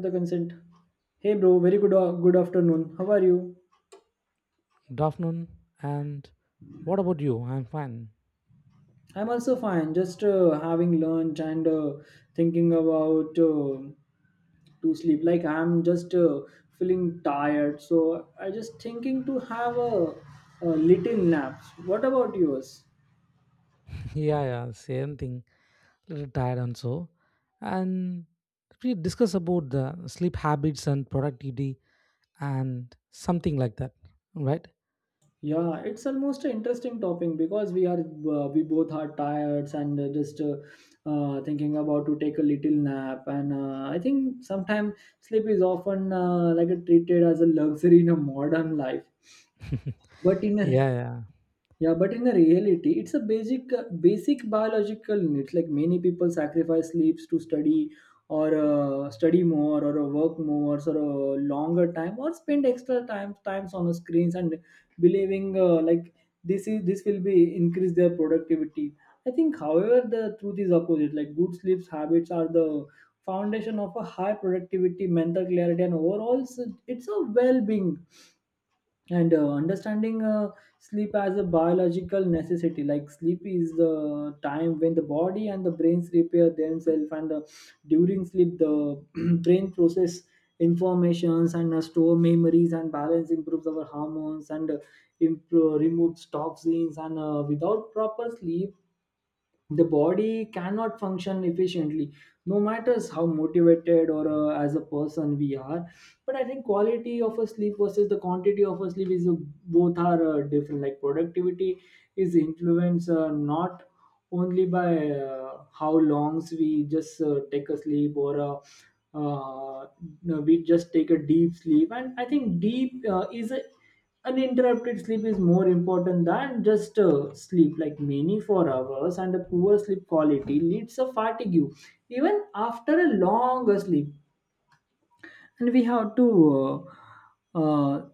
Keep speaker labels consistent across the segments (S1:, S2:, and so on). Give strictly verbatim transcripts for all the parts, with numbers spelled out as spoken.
S1: The consent. Hey bro, very good uh, good afternoon. How are you?
S2: Good afternoon. And what about you? I'm fine.
S1: I'm also fine. Just uh, having lunch and uh, thinking about uh, to sleep. Like I'm just uh, feeling tired, so I just thinking to have a, a little naps. What about yours?
S2: yeah, yeah, same thing. A little tired and so. And we discuss about the sleep habits and productivity and something like that, right?
S1: Yeah, it's almost an interesting topic because we are uh, we both are tired and uh, just uh, uh, thinking about to take a little nap. And uh, I think sometimes sleep is often uh, like a treated as a luxury in a modern life, but in a
S2: yeah, yeah,
S1: yeah, but in the reality, it's a basic uh, basic biological need. Like many people sacrifice sleeps to study or uh, study more or uh, work more or a longer time or spend extra time times on the screens and believing uh, like this is this will be increase their productivity. I think, however, the truth is opposite. Like good sleeps habits are the foundation of a high productivity, mental clarity, and overall, it's a well being and uh, understanding uh, sleep as a biological necessity like sleep is the time when the body and the brains repair themselves and uh, during sleep the brain process informations and uh, store memories and balance improves our hormones and uh, improve, removes toxins and uh, without proper sleep the body cannot function efficiently no matters how motivated or uh, as a person we are, but I think quality of a sleep versus the quantity of a sleep is uh, both are uh, different. Like productivity is influenced uh, not only by uh, how longs we just uh, take a sleep or uh, uh, no, we just take a deep sleep. And I think deep uh, is a, uninterrupted sleep is more important than just uh, sleep like many four hours, and a poor sleep quality leads to fatigue even after a long sleep. And we have to uh, uh,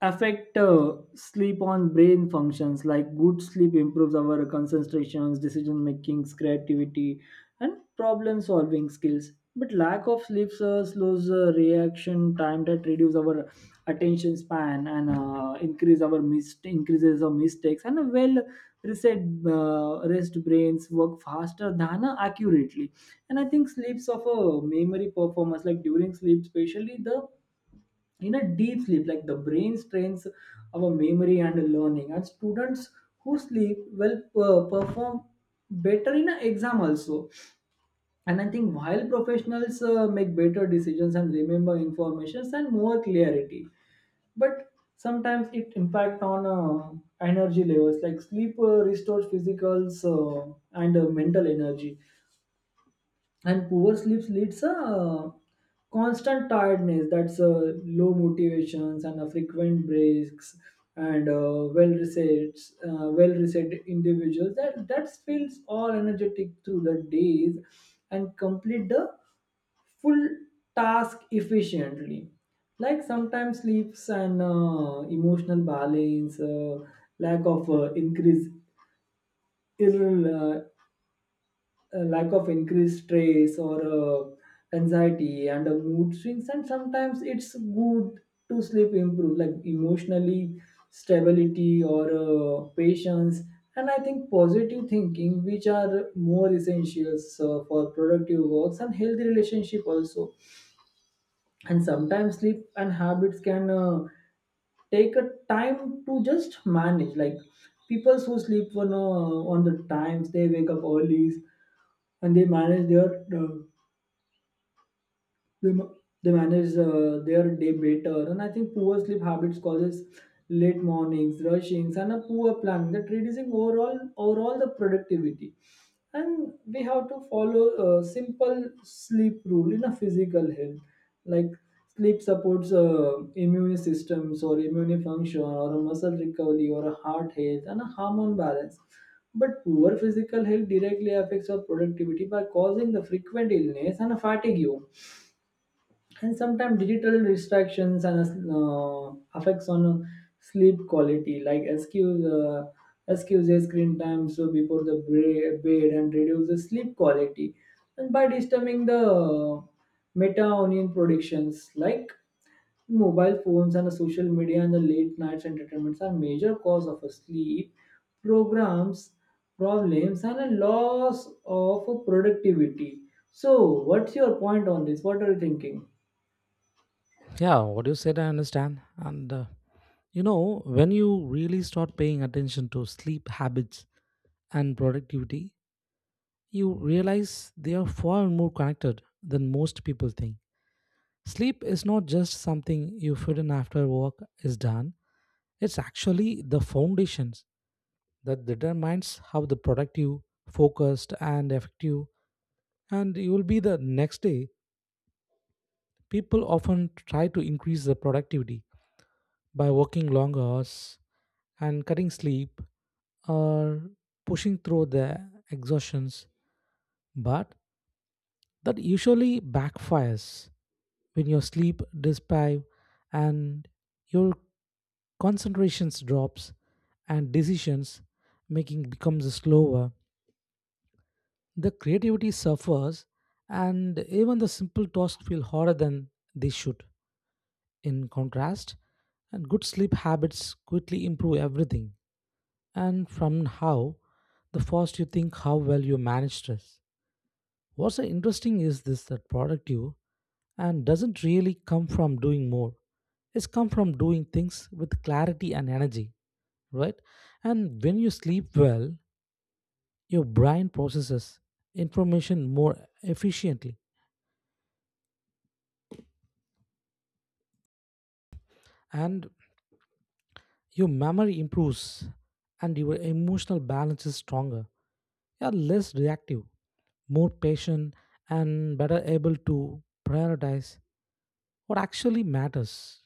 S1: affect uh, sleep on brain functions like good sleep improves our concentrations, decision makings, creativity, and problem solving skills. But lack of sleep uh, slows uh, reaction time that reduce our attention span and uh, increase our mist- increases our mistakes. And a well reset uh, rest brains work faster than uh, accurately. And I think sleeps of a memory performance, like during sleep, especially the in a deep sleep, like the brain strains our memory and learning, and students who sleep will uh, perform better in an exam also. And I think while professionals uh, make better decisions and remember informations and more clarity. But sometimes it impact on uh, energy levels. Like sleep uh, restores physical uh, and uh, mental energy, and poor sleep leads a uh, constant tiredness, that's uh, low motivations and a frequent breaks. And uh, well resets uh, well reset individuals that that feels all energetic through the days and complete the full task efficiently. Like sometimes sleeps and uh, emotional balance, uh, lack of uh, increase irrel- uh, a lack of increased stress or uh, anxiety and uh, mood swings. And sometimes it's good to sleep improve like emotionally stability or uh, patience, and I think positive thinking, which are more essentials uh, for productive works and healthy relationship also. And sometimes sleep and habits can uh, take a time to just manage. Like people who sleep on, uh, on the times they wake up early and they manage their uh, they, ma- they manage uh, their day better. And I think poor sleep habits causes late mornings rushings and a poor planning that reducing overall overall the productivity. And we have to follow a simple sleep rule in a physical health, like sleep supports uh, immune systems or immune function or a muscle recovery or a heart health and a hormone balance. But poor physical health directly affects our productivity by causing the frequent illness and a fatigue. And sometimes digital distractions and uh, affects on uh, sleep quality, like excuse uh, excuses screen time so before the bra- bed, and reduce the sleep quality and by disturbing the uh, melatonin productions. Like mobile phones and the social media and the late nights entertainments are major cause of a sleep programs problems and a loss of productivity. So what's your point on this? What are you thinking?
S2: yeah. What you said, I understand. And uh, you know, when you really start paying attention to sleep habits and productivity, you realize they are far more connected than most people think. Sleep is not just something you fit in after work is done. It's actually the foundations that determines how the productive, focused, and effective and you will be the next day. People often try to increase the productivity by working long hours and cutting sleep or pushing through the exhaustions, but that usually backfires when your sleep deprives and your concentrations drops and decisions making becomes slower, the creativity suffers and even the simple tasks feel harder than they should. In contrast, and good sleep habits quickly improve everything, and from how the first you think how well you manage stress. What's so interesting is this, that productive and doesn't really come from doing more, it's come from doing things with clarity and energy, right? And when you sleep well, your brain processes information more efficiently, and your memory improves, and your emotional balance is stronger. You are less reactive, more patient, and better able to prioritize what actually matters.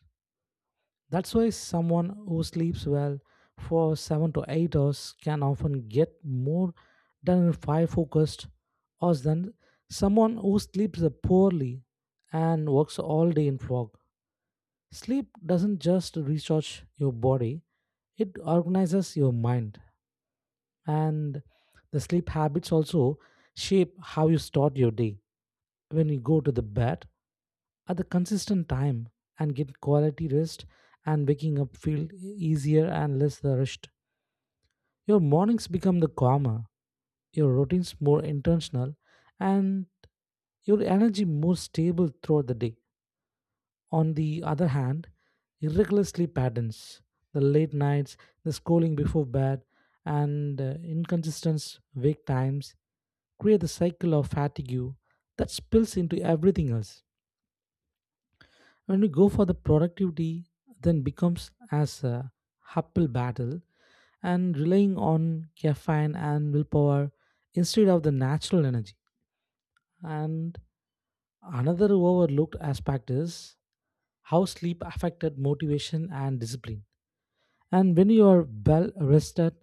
S2: That's why someone who sleeps well for seven to eight hours can often get more done in five focused hours than someone who sleeps poorly and works all day in fog. Sleep doesn't just recharge your body, it organizes your mind. And the sleep habits also shape how you start your day. When you go to the bed at the consistent time and get quality rest and waking up feel e-, easier and less rushed. Your mornings become the calmer, your routines more intentional, and your energy more stable throughout the day. On the other hand, irregular sleep patterns, the late nights, the scrolling before bed, and uh, inconsistent wake times create the cycle of fatigue that spills into everything else. When we go for the productivity, then becomes as a uphill battle and relying on caffeine and willpower instead of the natural energy. And another overlooked aspect is how sleep affected motivation and discipline. And when you are well rested,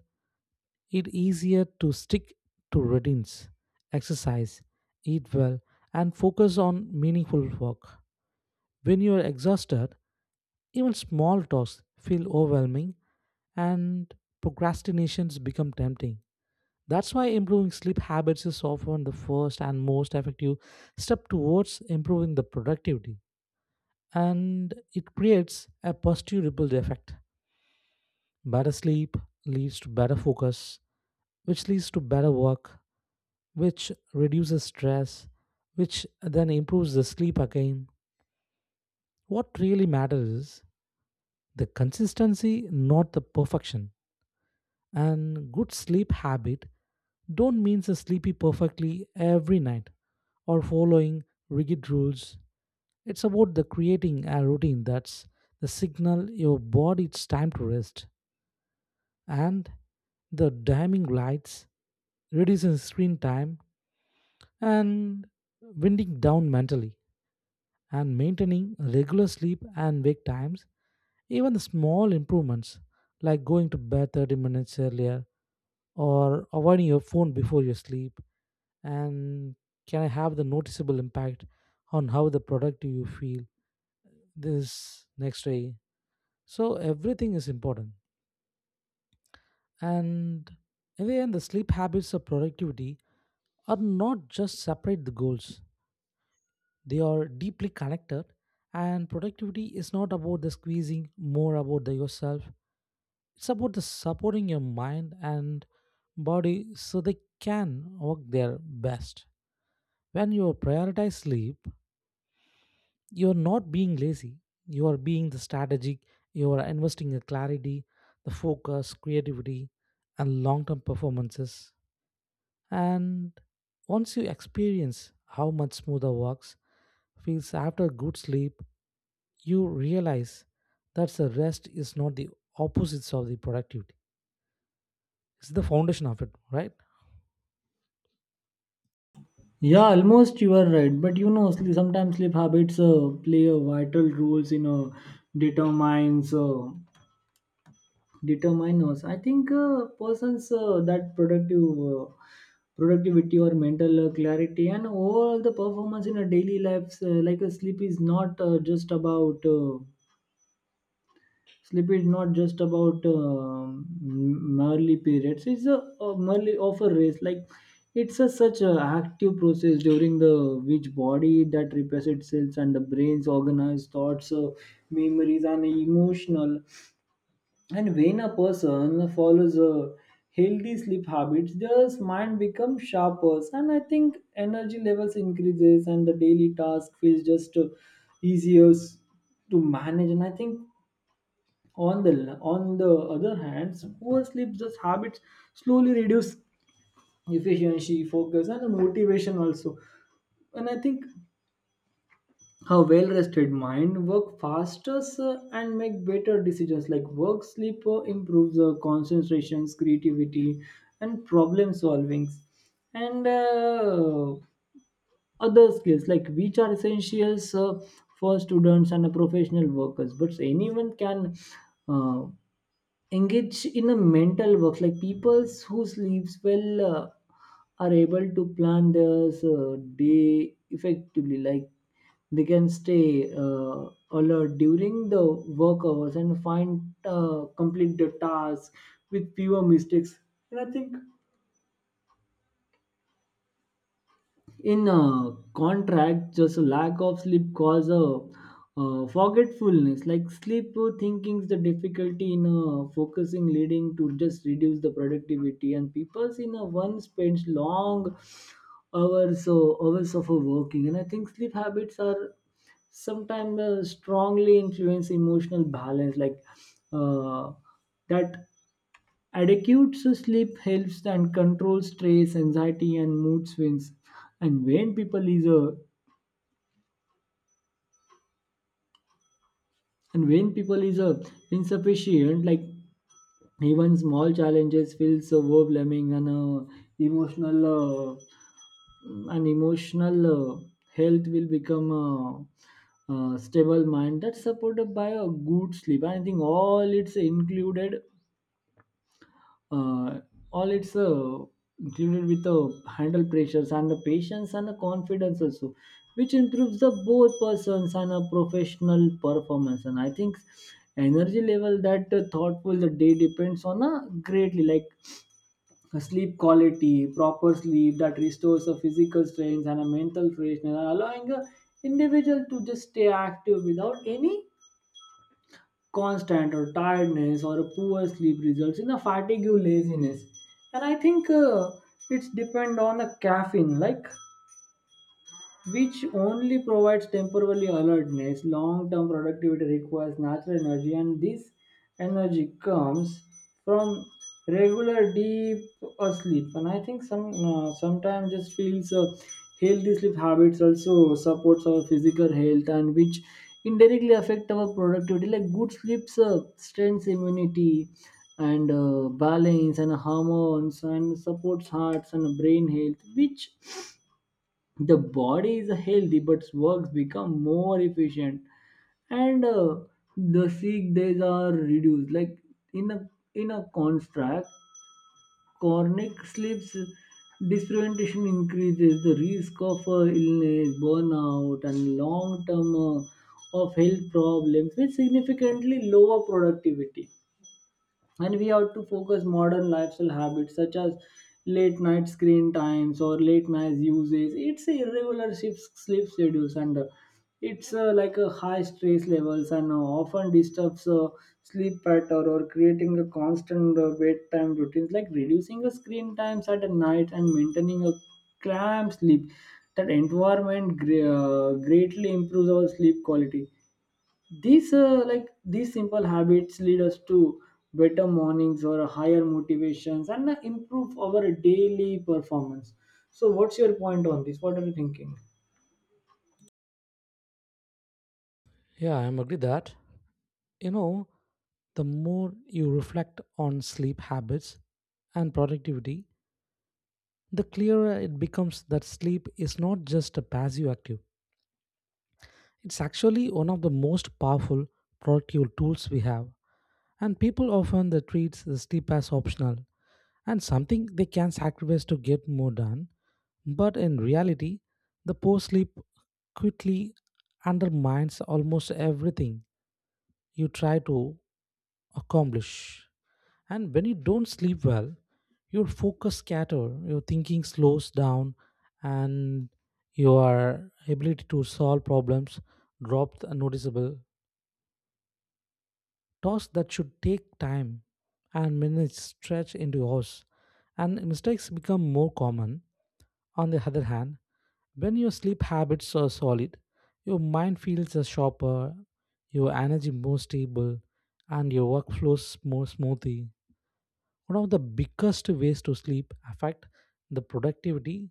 S2: it easier to stick to routines, exercise, eat well, and focus on meaningful work. When you are exhausted, even small tasks feel overwhelming and procrastinations become tempting. That's why improving sleep habits is often the first and most effective step towards improving the productivity. And it creates a positive ripple effect. Better sleep leads to better focus, which leads to better work, which reduces stress, which then improves the sleep again. What really matters is the consistency, not the perfection. And good sleep habit don't means sleeping perfectly every night or following rigid rules. It's about the creating a routine that's the signal your body it's time to rest. And the dimming lights, reducing screen time, and winding down mentally, and maintaining regular sleep and wake times, even the small improvements like going to bed thirty minutes earlier or avoiding your phone before you sleep, and can I have the noticeable impact on how the product you feel this next day. So everything is important. And in the end, the sleep habits of productivity are not just separate the goals. They are deeply connected, and productivity is not about the squeezing more about the yourself. It's about the supporting your mind and body so they can work their best. When you prioritize sleep, you're not being lazy, you are being the strategic, you are investing in clarity, the focus, creativity, and long-term performances. And once you experience how much smoother works feels after good sleep, you realize that the rest is not the opposites of the productivity, it's the foundation of it, right?
S1: Yeah, almost you are right. But you know, sleep sometimes sleep habits uh, play a vital roles in uh, determines uh, determiners. I think uh, persons uh, that productive uh, productivity or mental uh, clarity and overall the performance in a daily life, uh, like a sleep is not uh, just about. Uh, Sleep is not just about um, Merely periods. It's a, a merely of a race. Like it's a such a active process during the which body that repairs itself and the brain's organized thoughts, uh, memories, and emotional. And when a person follows a healthy sleep habits, their mind becomes sharper, and I think energy levels increases, and the daily task feels just uh, easier s- to manage. And I think on the on the other hand, poor sleep just habits slowly reduce efficiency, focus, and motivation also. And I think a well-rested mind work faster sir, and make better decisions. Like work sleep uh, improves uh, concentrations, creativity, and problem solvings, and uh, other skills like which are essentials uh, for students and professional workers. But anyone can. Uh, Engage in a mental work, like people who sleeps well uh, are able to plan their uh, day effectively, like they can stay uh, alert during the work hours and find uh, complete the task with fewer mistakes. And I think in uh, contract, just a lack of sleep cause a uh, forgetfulness, like sleep uh, thinking is the difficulty in uh, focusing, leading to just reduce the productivity. And people in a one spends long hours, so hours of uh, working. And I think sleep habits are sometimes uh, strongly influence emotional balance, like uh, that adequate sleep helps and controls stress, anxiety, and mood swings. And when people is a and when people is a insufficient, like even small challenges feels overwhelming and uh, emotional uh, an emotional uh, health will become a, a stable mind that's supported by a good sleep. I think all it's included uh, all it's uh, included with the handle pressures and the patience and the confidence also, which improves the both persons and a professional performance. And I think energy level that uh, thoughtful the day depends on a greatly, like a sleep quality. Proper sleep that restores the physical strength and a mental freshness allowing a individual to just stay active without any constant or tiredness, or a poor sleep results in a fatigue or laziness. And I think uh, it's depend on the caffeine, like which only provides temporary alertness. Long term productivity requires natural energy, and this energy comes from regular deep uh, sleep. And I think some uh, sometimes just feels uh, healthy sleep habits also supports our physical health and which indirectly affect our productivity. Like good sleeps uh, strengthens immunity and uh, balance and hormones and supports hearts and brain health, which the body is healthy but works become more efficient and uh, the sick days are reduced, like in a in a contract chronic sleeps disorientation increases the risk of uh, illness burnout and long term uh, of health problems with significantly lower productivity. And we have to focus modern lifestyle habits such as late night screen times or late night uses, it's a irregular shifts, sleep schedules and uh, it's uh, like a high stress levels and uh, often disturbs uh, sleep pattern or creating a constant uh, bedtime routines, like reducing the screen times at night and maintaining a calm sleep that environment gre- uh, greatly improves our sleep quality. These uh, like these simple habits lead us to better mornings or higher motivations and uh, improve our daily performance. So what's your point on this? What are you thinking?
S2: Yeah, I'm agree that, you know, the more you reflect on sleep habits and productivity, the clearer it becomes that sleep is not just a passive active. It's actually one of the most powerful productive tools we have. And people often they treat the sleep as optional and something they can sacrifice to get more done. But in reality, the poor sleep quickly undermines almost everything you try to accomplish. And when you don't sleep well, your focus scatter, your thinking slows down, and your ability to solve problems drops a noticeable. Tasks that should take time and minutes stretch into hours, and mistakes become more common. On the other hand, when your sleep habits are solid, your mind feels uh, sharper, your energy more stable, and your work flows more smoothly. One of the biggest ways to sleep affect the productivity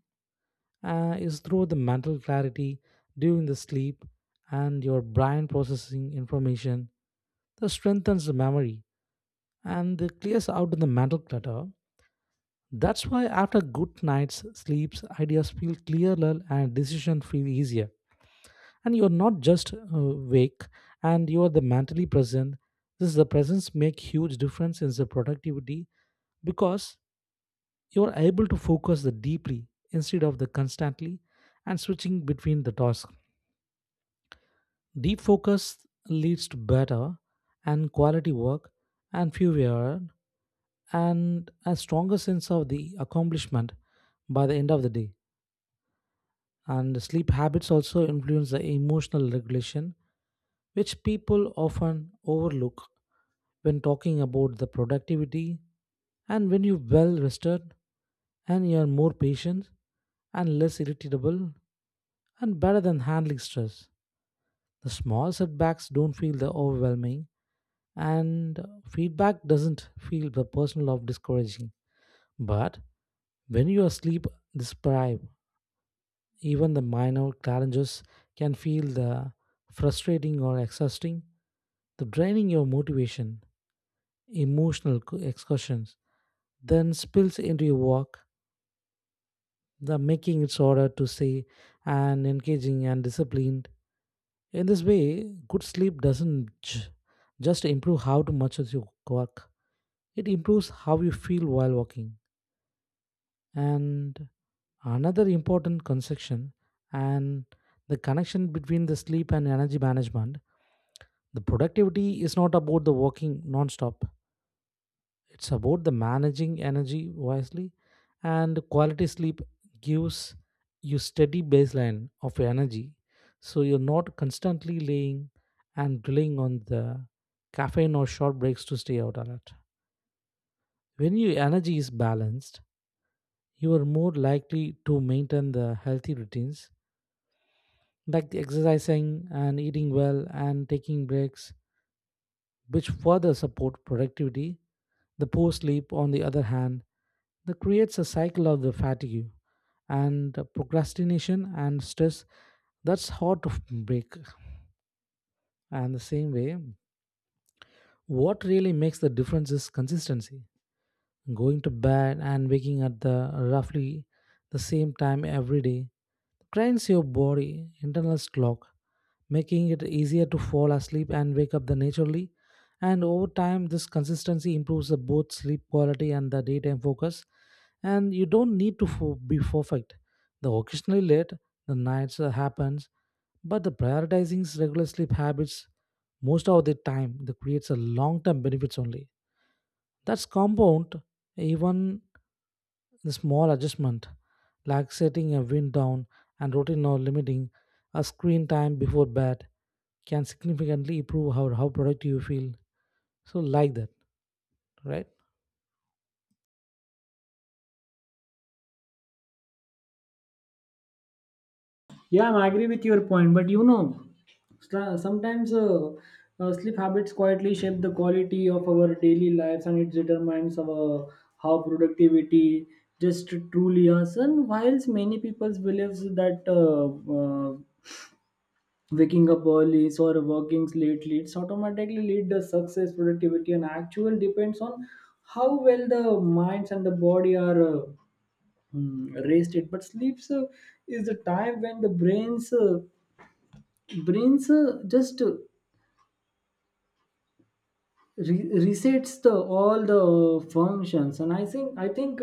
S2: uh, is through the mental clarity during the sleep, and your brain processing information that strengthens the memory and that clears out the mental clutter. That's why after good night's sleeps, ideas feel clearer and decisions feel easier. And you're not just uh, awake, and you are the mentally present. This is the presence make huge difference in the productivity, because you are able to focus the deeply instead of the constantly and switching between the tasks. Deep focus leads to better and quality work and fewer and a stronger sense of the accomplishment by the end of the day. And sleep habits also influence the emotional regulation, which people often overlook when talking about the productivity, and when you're well rested, and you're more patient and less irritable and better than handling stress. The small setbacks don't feel the overwhelming, and feedback doesn't feel the personal of discouraging. But when you are sleep deprived, even the minor challenges can feel the frustrating or exhausting, the draining your motivation. Emotional co- excursions, then spills into your work, the making it harder to say and engaging and disciplined. In this way, good sleep doesn't j- just improve how to much as you work; it improves how you feel while working. And another important conception and the connection between the sleep and energy management. The productivity is not about the working non-stop. It's about the managing energy wisely, and quality sleep gives you steady baseline of your energy so you're not constantly laying and relying on the caffeine or short breaks to stay out alert. When your energy is balanced, you are more likely to maintain the healthy routines like the exercising and eating well and taking breaks, which further support productivity. The poor sleep, on the other hand, that creates a cycle of the fatigue and procrastination and stress that's hard to break. And the same way, what really makes the difference is consistency. Going to bed and waking at the roughly the same time every day trains your body internal clock, making it easier to fall asleep and wake up the naturally. And over time, this consistency improves the both sleep quality and the daytime focus. And you don't need to fo- be perfect. The occasionally late, the nights uh, happens, but the prioritizing s- regular sleep habits most of the time, that creates a long-term benefits only. That's compound even the small adjustment, like setting a wind down and routine or limiting a screen time before bed, can significantly improve how, how productive you feel. So, like that, right?
S1: Yeah, I agree with your point. But you know, stra- sometimes uh, uh, sleep habits quietly shape the quality of our daily lives, and it determines our how productivity just truly is. And whilst many people believes that uh, uh, waking up early or working late leads automatically lead the success productivity and actual depends on how well the minds and the body are uh, hmm, rested. But sleeps uh, is the time when the brains uh, brains uh, just uh, re- resets the all the uh, functions. And i think i think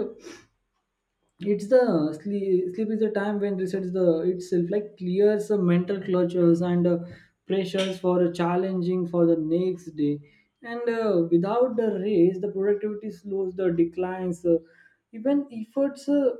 S1: it's the sleep, sleep is the time when resets the itself, like clears the mental clutches and uh, pressures for a challenging for the next day. And uh, without the race the productivity slows the declines, uh, even efforts uh,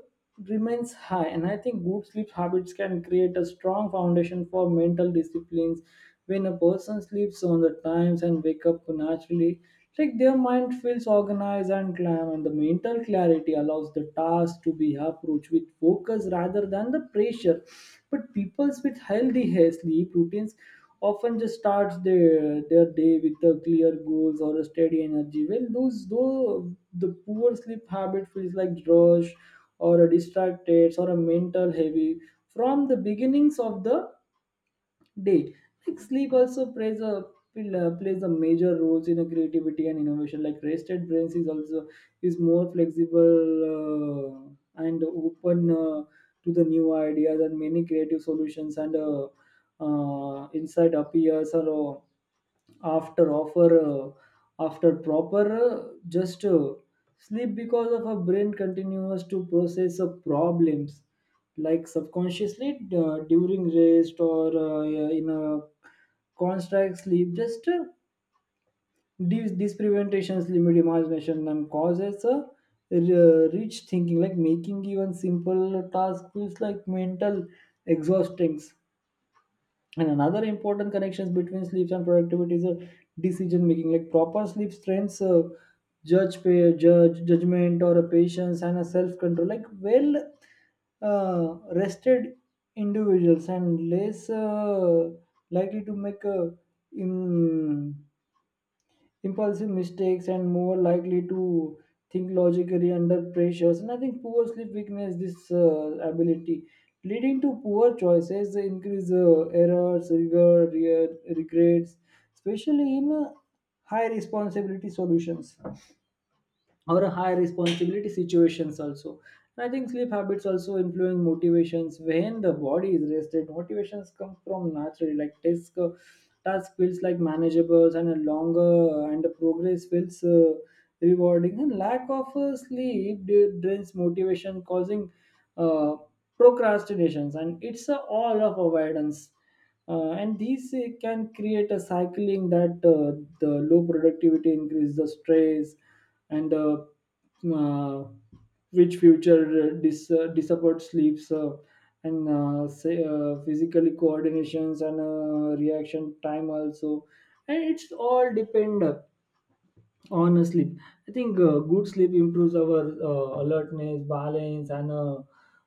S1: remains high. And I think good sleep habits can create a strong foundation for mental disciplines. When a person sleeps on the times and wake up naturally, like their mind feels organized and calm, and the mental clarity allows the task to be approached with focus rather than the pressure. But people with healthy hair sleep routines often just starts their, their day with a clear goals or a steady energy. Well, those though the poor sleep habit feels like rush or a distracted or a mental heavy from the beginnings of the day. Like sleep also plays a pill- plays a major roles in a creativity and innovation. Like rested brains is also is more flexible, uh, and open uh, to the new ideas and many creative solutions. And uh, uh, insight appears or uh, after offer uh, after proper uh, just uh, sleep, because of a brain continues to process of problems like subconsciously uh, during rest. Or uh, yeah, in a constant sleep, just uh, these these preventations limit imagination and causes a r- uh, rich thinking, like making even simple task feels like mental exhausting. And another important connections between sleeps and productivity is a decision making. Like proper sleep strengths uh, judge, pay judge, judgment, or a patience and a self control. Like well uh, rested individuals and less uh, likely to make a um, impulsive mistakes and more likely to think logically under pressures. And I think poor sleep weakness this uh, ability, leading to poor choices, they increase uh, errors rigor re- regrets, especially in uh, high responsibility solutions or high responsibility situations also. And I think sleep habits also influence motivations. When the body is rested, motivations come from naturally. Like task, uh, task feels like manageable, and a longer and the progress feels uh, rewarding. And lack of uh, sleep d- drains motivation, causing uh, procrastinations. And it's a all of avoidance. Uh, and these uh, can create a cycling that uh, the low productivity increase the stress and uh, uh, which future uh, dis, uh, disabled sleeps, uh, and uh, say, uh, physically coordinations and uh, reaction time also. And it's all depend uh, honestly. I think uh, good sleep improves our uh, alertness, balance, and uh,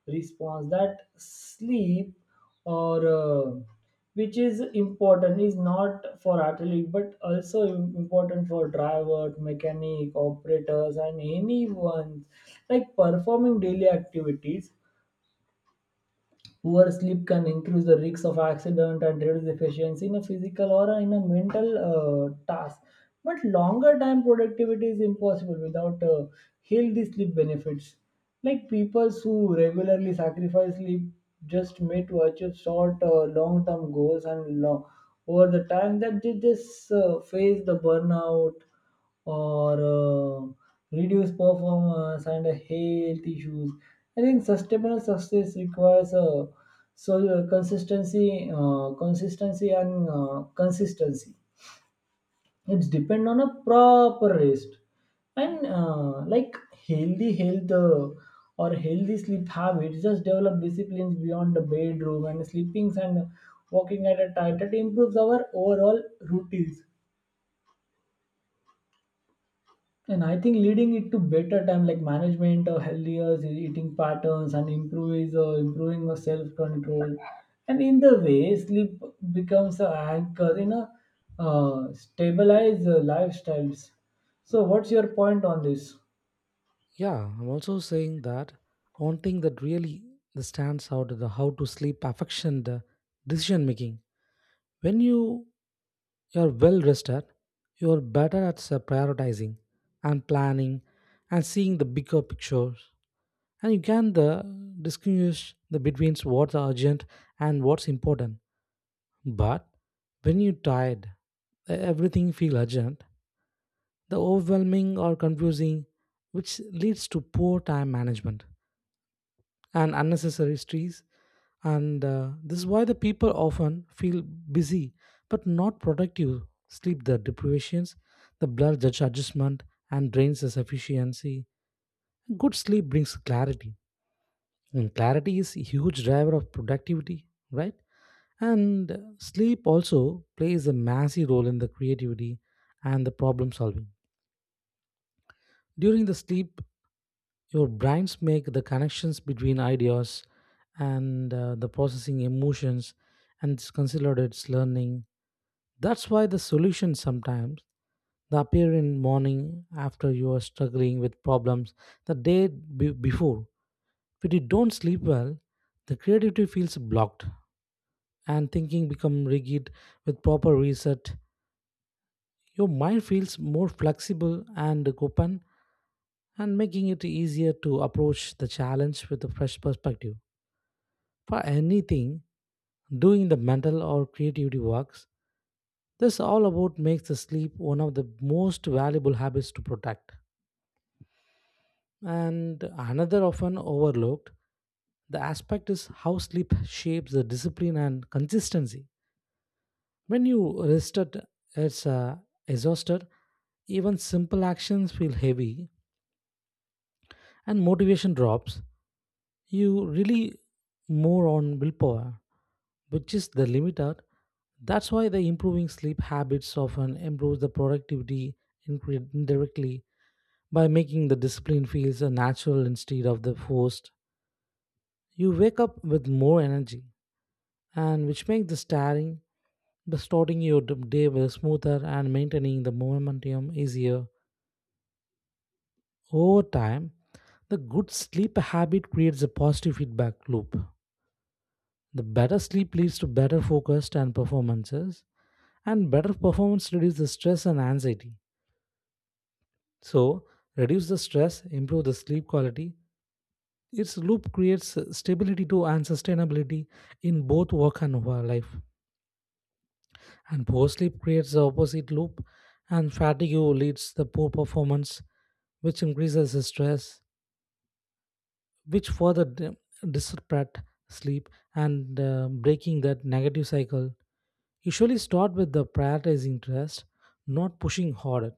S1: response. That sleep, or uh, which is important, is not for athlete, but also im- important for driver, mechanic, operators, and anyone like performing daily activities. Poor sleep can increase the risks of accident and reduce efficiency in a physical or in a mental uh, task. But longer time productivity is impossible without uh, healthy sleep benefits. Like people who regularly sacrifice sleep just made to achieve short uh, long term goals and lo- over the time, that they just uh, face the burnout or uh, reduce performance and health issues. I think sustainable success requires uh, so uh, consistency, uh, consistency and uh, consistency. It's depend on a proper rest and uh, like healthy health uh, or healthy sleep habits. Just develop disciplines beyond the bedroom and sleepings, and walking at a time that improves our overall routines. And I think leading it to better time like management or healthier eating patterns and improves uh, improving of self control. And in the way, sleep becomes an anchor in a uh, stabilized uh, lifestyles. So, what's your point on this?
S2: Yeah, I'm also saying that one thing that really stands out is the how to sleep affection the decision making. When you are well rested, you are better at s- prioritizing and planning and seeing the bigger picture. And you can the distinguish the between what's urgent and what's important. But when you're tired, e-, everything feel urgent, the overwhelming or confusing, which leads to poor time management and unnecessary stress. And uh, This is why the people often feel busy but not productive. Sleep the deprivations, the blur judge adjustment and drains the sufficiency. Good sleep brings clarity. And clarity is a huge driver of productivity, right? And uh, Sleep also plays a massive role in the creativity and the problem solving. During the sleep, your brains make the connections between ideas, and uh, the processing emotions, and it's considered its learning. That's why the solutions sometimes they appear in morning after you are struggling with problems the day be- before. When you don't sleep well, the creativity feels blocked and thinking become rigid. With proper reset, your mind feels more flexible and open, and making it easier to approach the challenge with a fresh perspective. For anything doing the mental or creativity works, this all about makes the sleep one of the most valuable habits to protect. And another often overlooked the aspect is how sleep shapes the discipline and consistency. When you rested as uh, exhausted, even simple actions feel heavy and motivation drops. You really more on willpower, which is the limiter. That's why the improving sleep habits often improves the productivity incre- indirectly by making the discipline feels a natural instead of the forced. You wake up with more energy, and which makes the starting the starting your d- day will smoother and maintaining the momentum easier. Over time, the good sleep habit creates a positive feedback loop. The better sleep leads to better focus and performances, and better performance reduces the stress and anxiety. So, reduce the stress, improve the sleep quality. Its loop creates stability to and sustainability in both work and over life. And poor sleep creates the opposite loop, and fatigue leads to poor performance, which increases the stress, which further d- disrupt sleep, and uh, breaking that negative cycle. Usually start with the prioritizing rest, not pushing harder.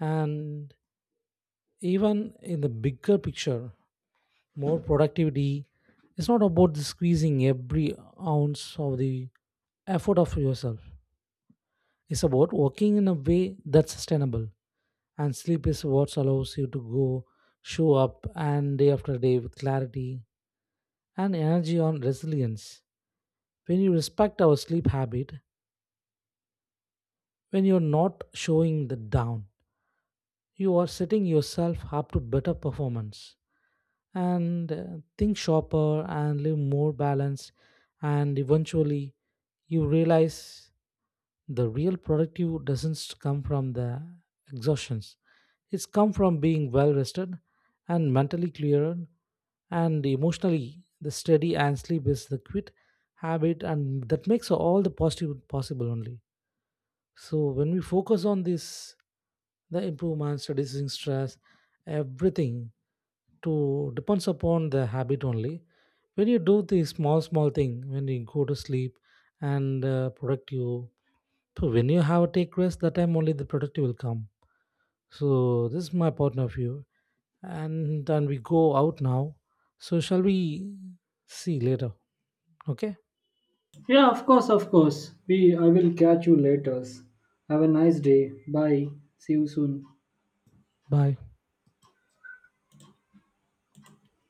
S2: And even in the bigger picture, more productivity is not about squeezing every ounce of the effort of yourself. It's about working in a way that's sustainable. And sleep is what allows you to go, show up, and day after day with clarity and energy on resilience. When you respect our sleep habit, when you're not showing the down, you are setting yourself up to better performance, and uh, think sharper and live more balanced. And eventually, you realize the real productive doesn't come from the exhaustions. It's come from being well rested and mentally clearer and emotionally the steady, and sleep is the quit habit and that makes all the positive possible only. So when we focus on this, the improvements, reducing stress, everything to depends upon the habit only. When you do the small small thing, when you go to sleep and uh, product you, so when you have a take rest, that time only the product will come. So this is my point of view, and then we go out now. So shall we see later? Okay,
S1: Yeah, of course, of course. We I will catch you later. Have a nice day. Bye. See you soon.
S2: bye.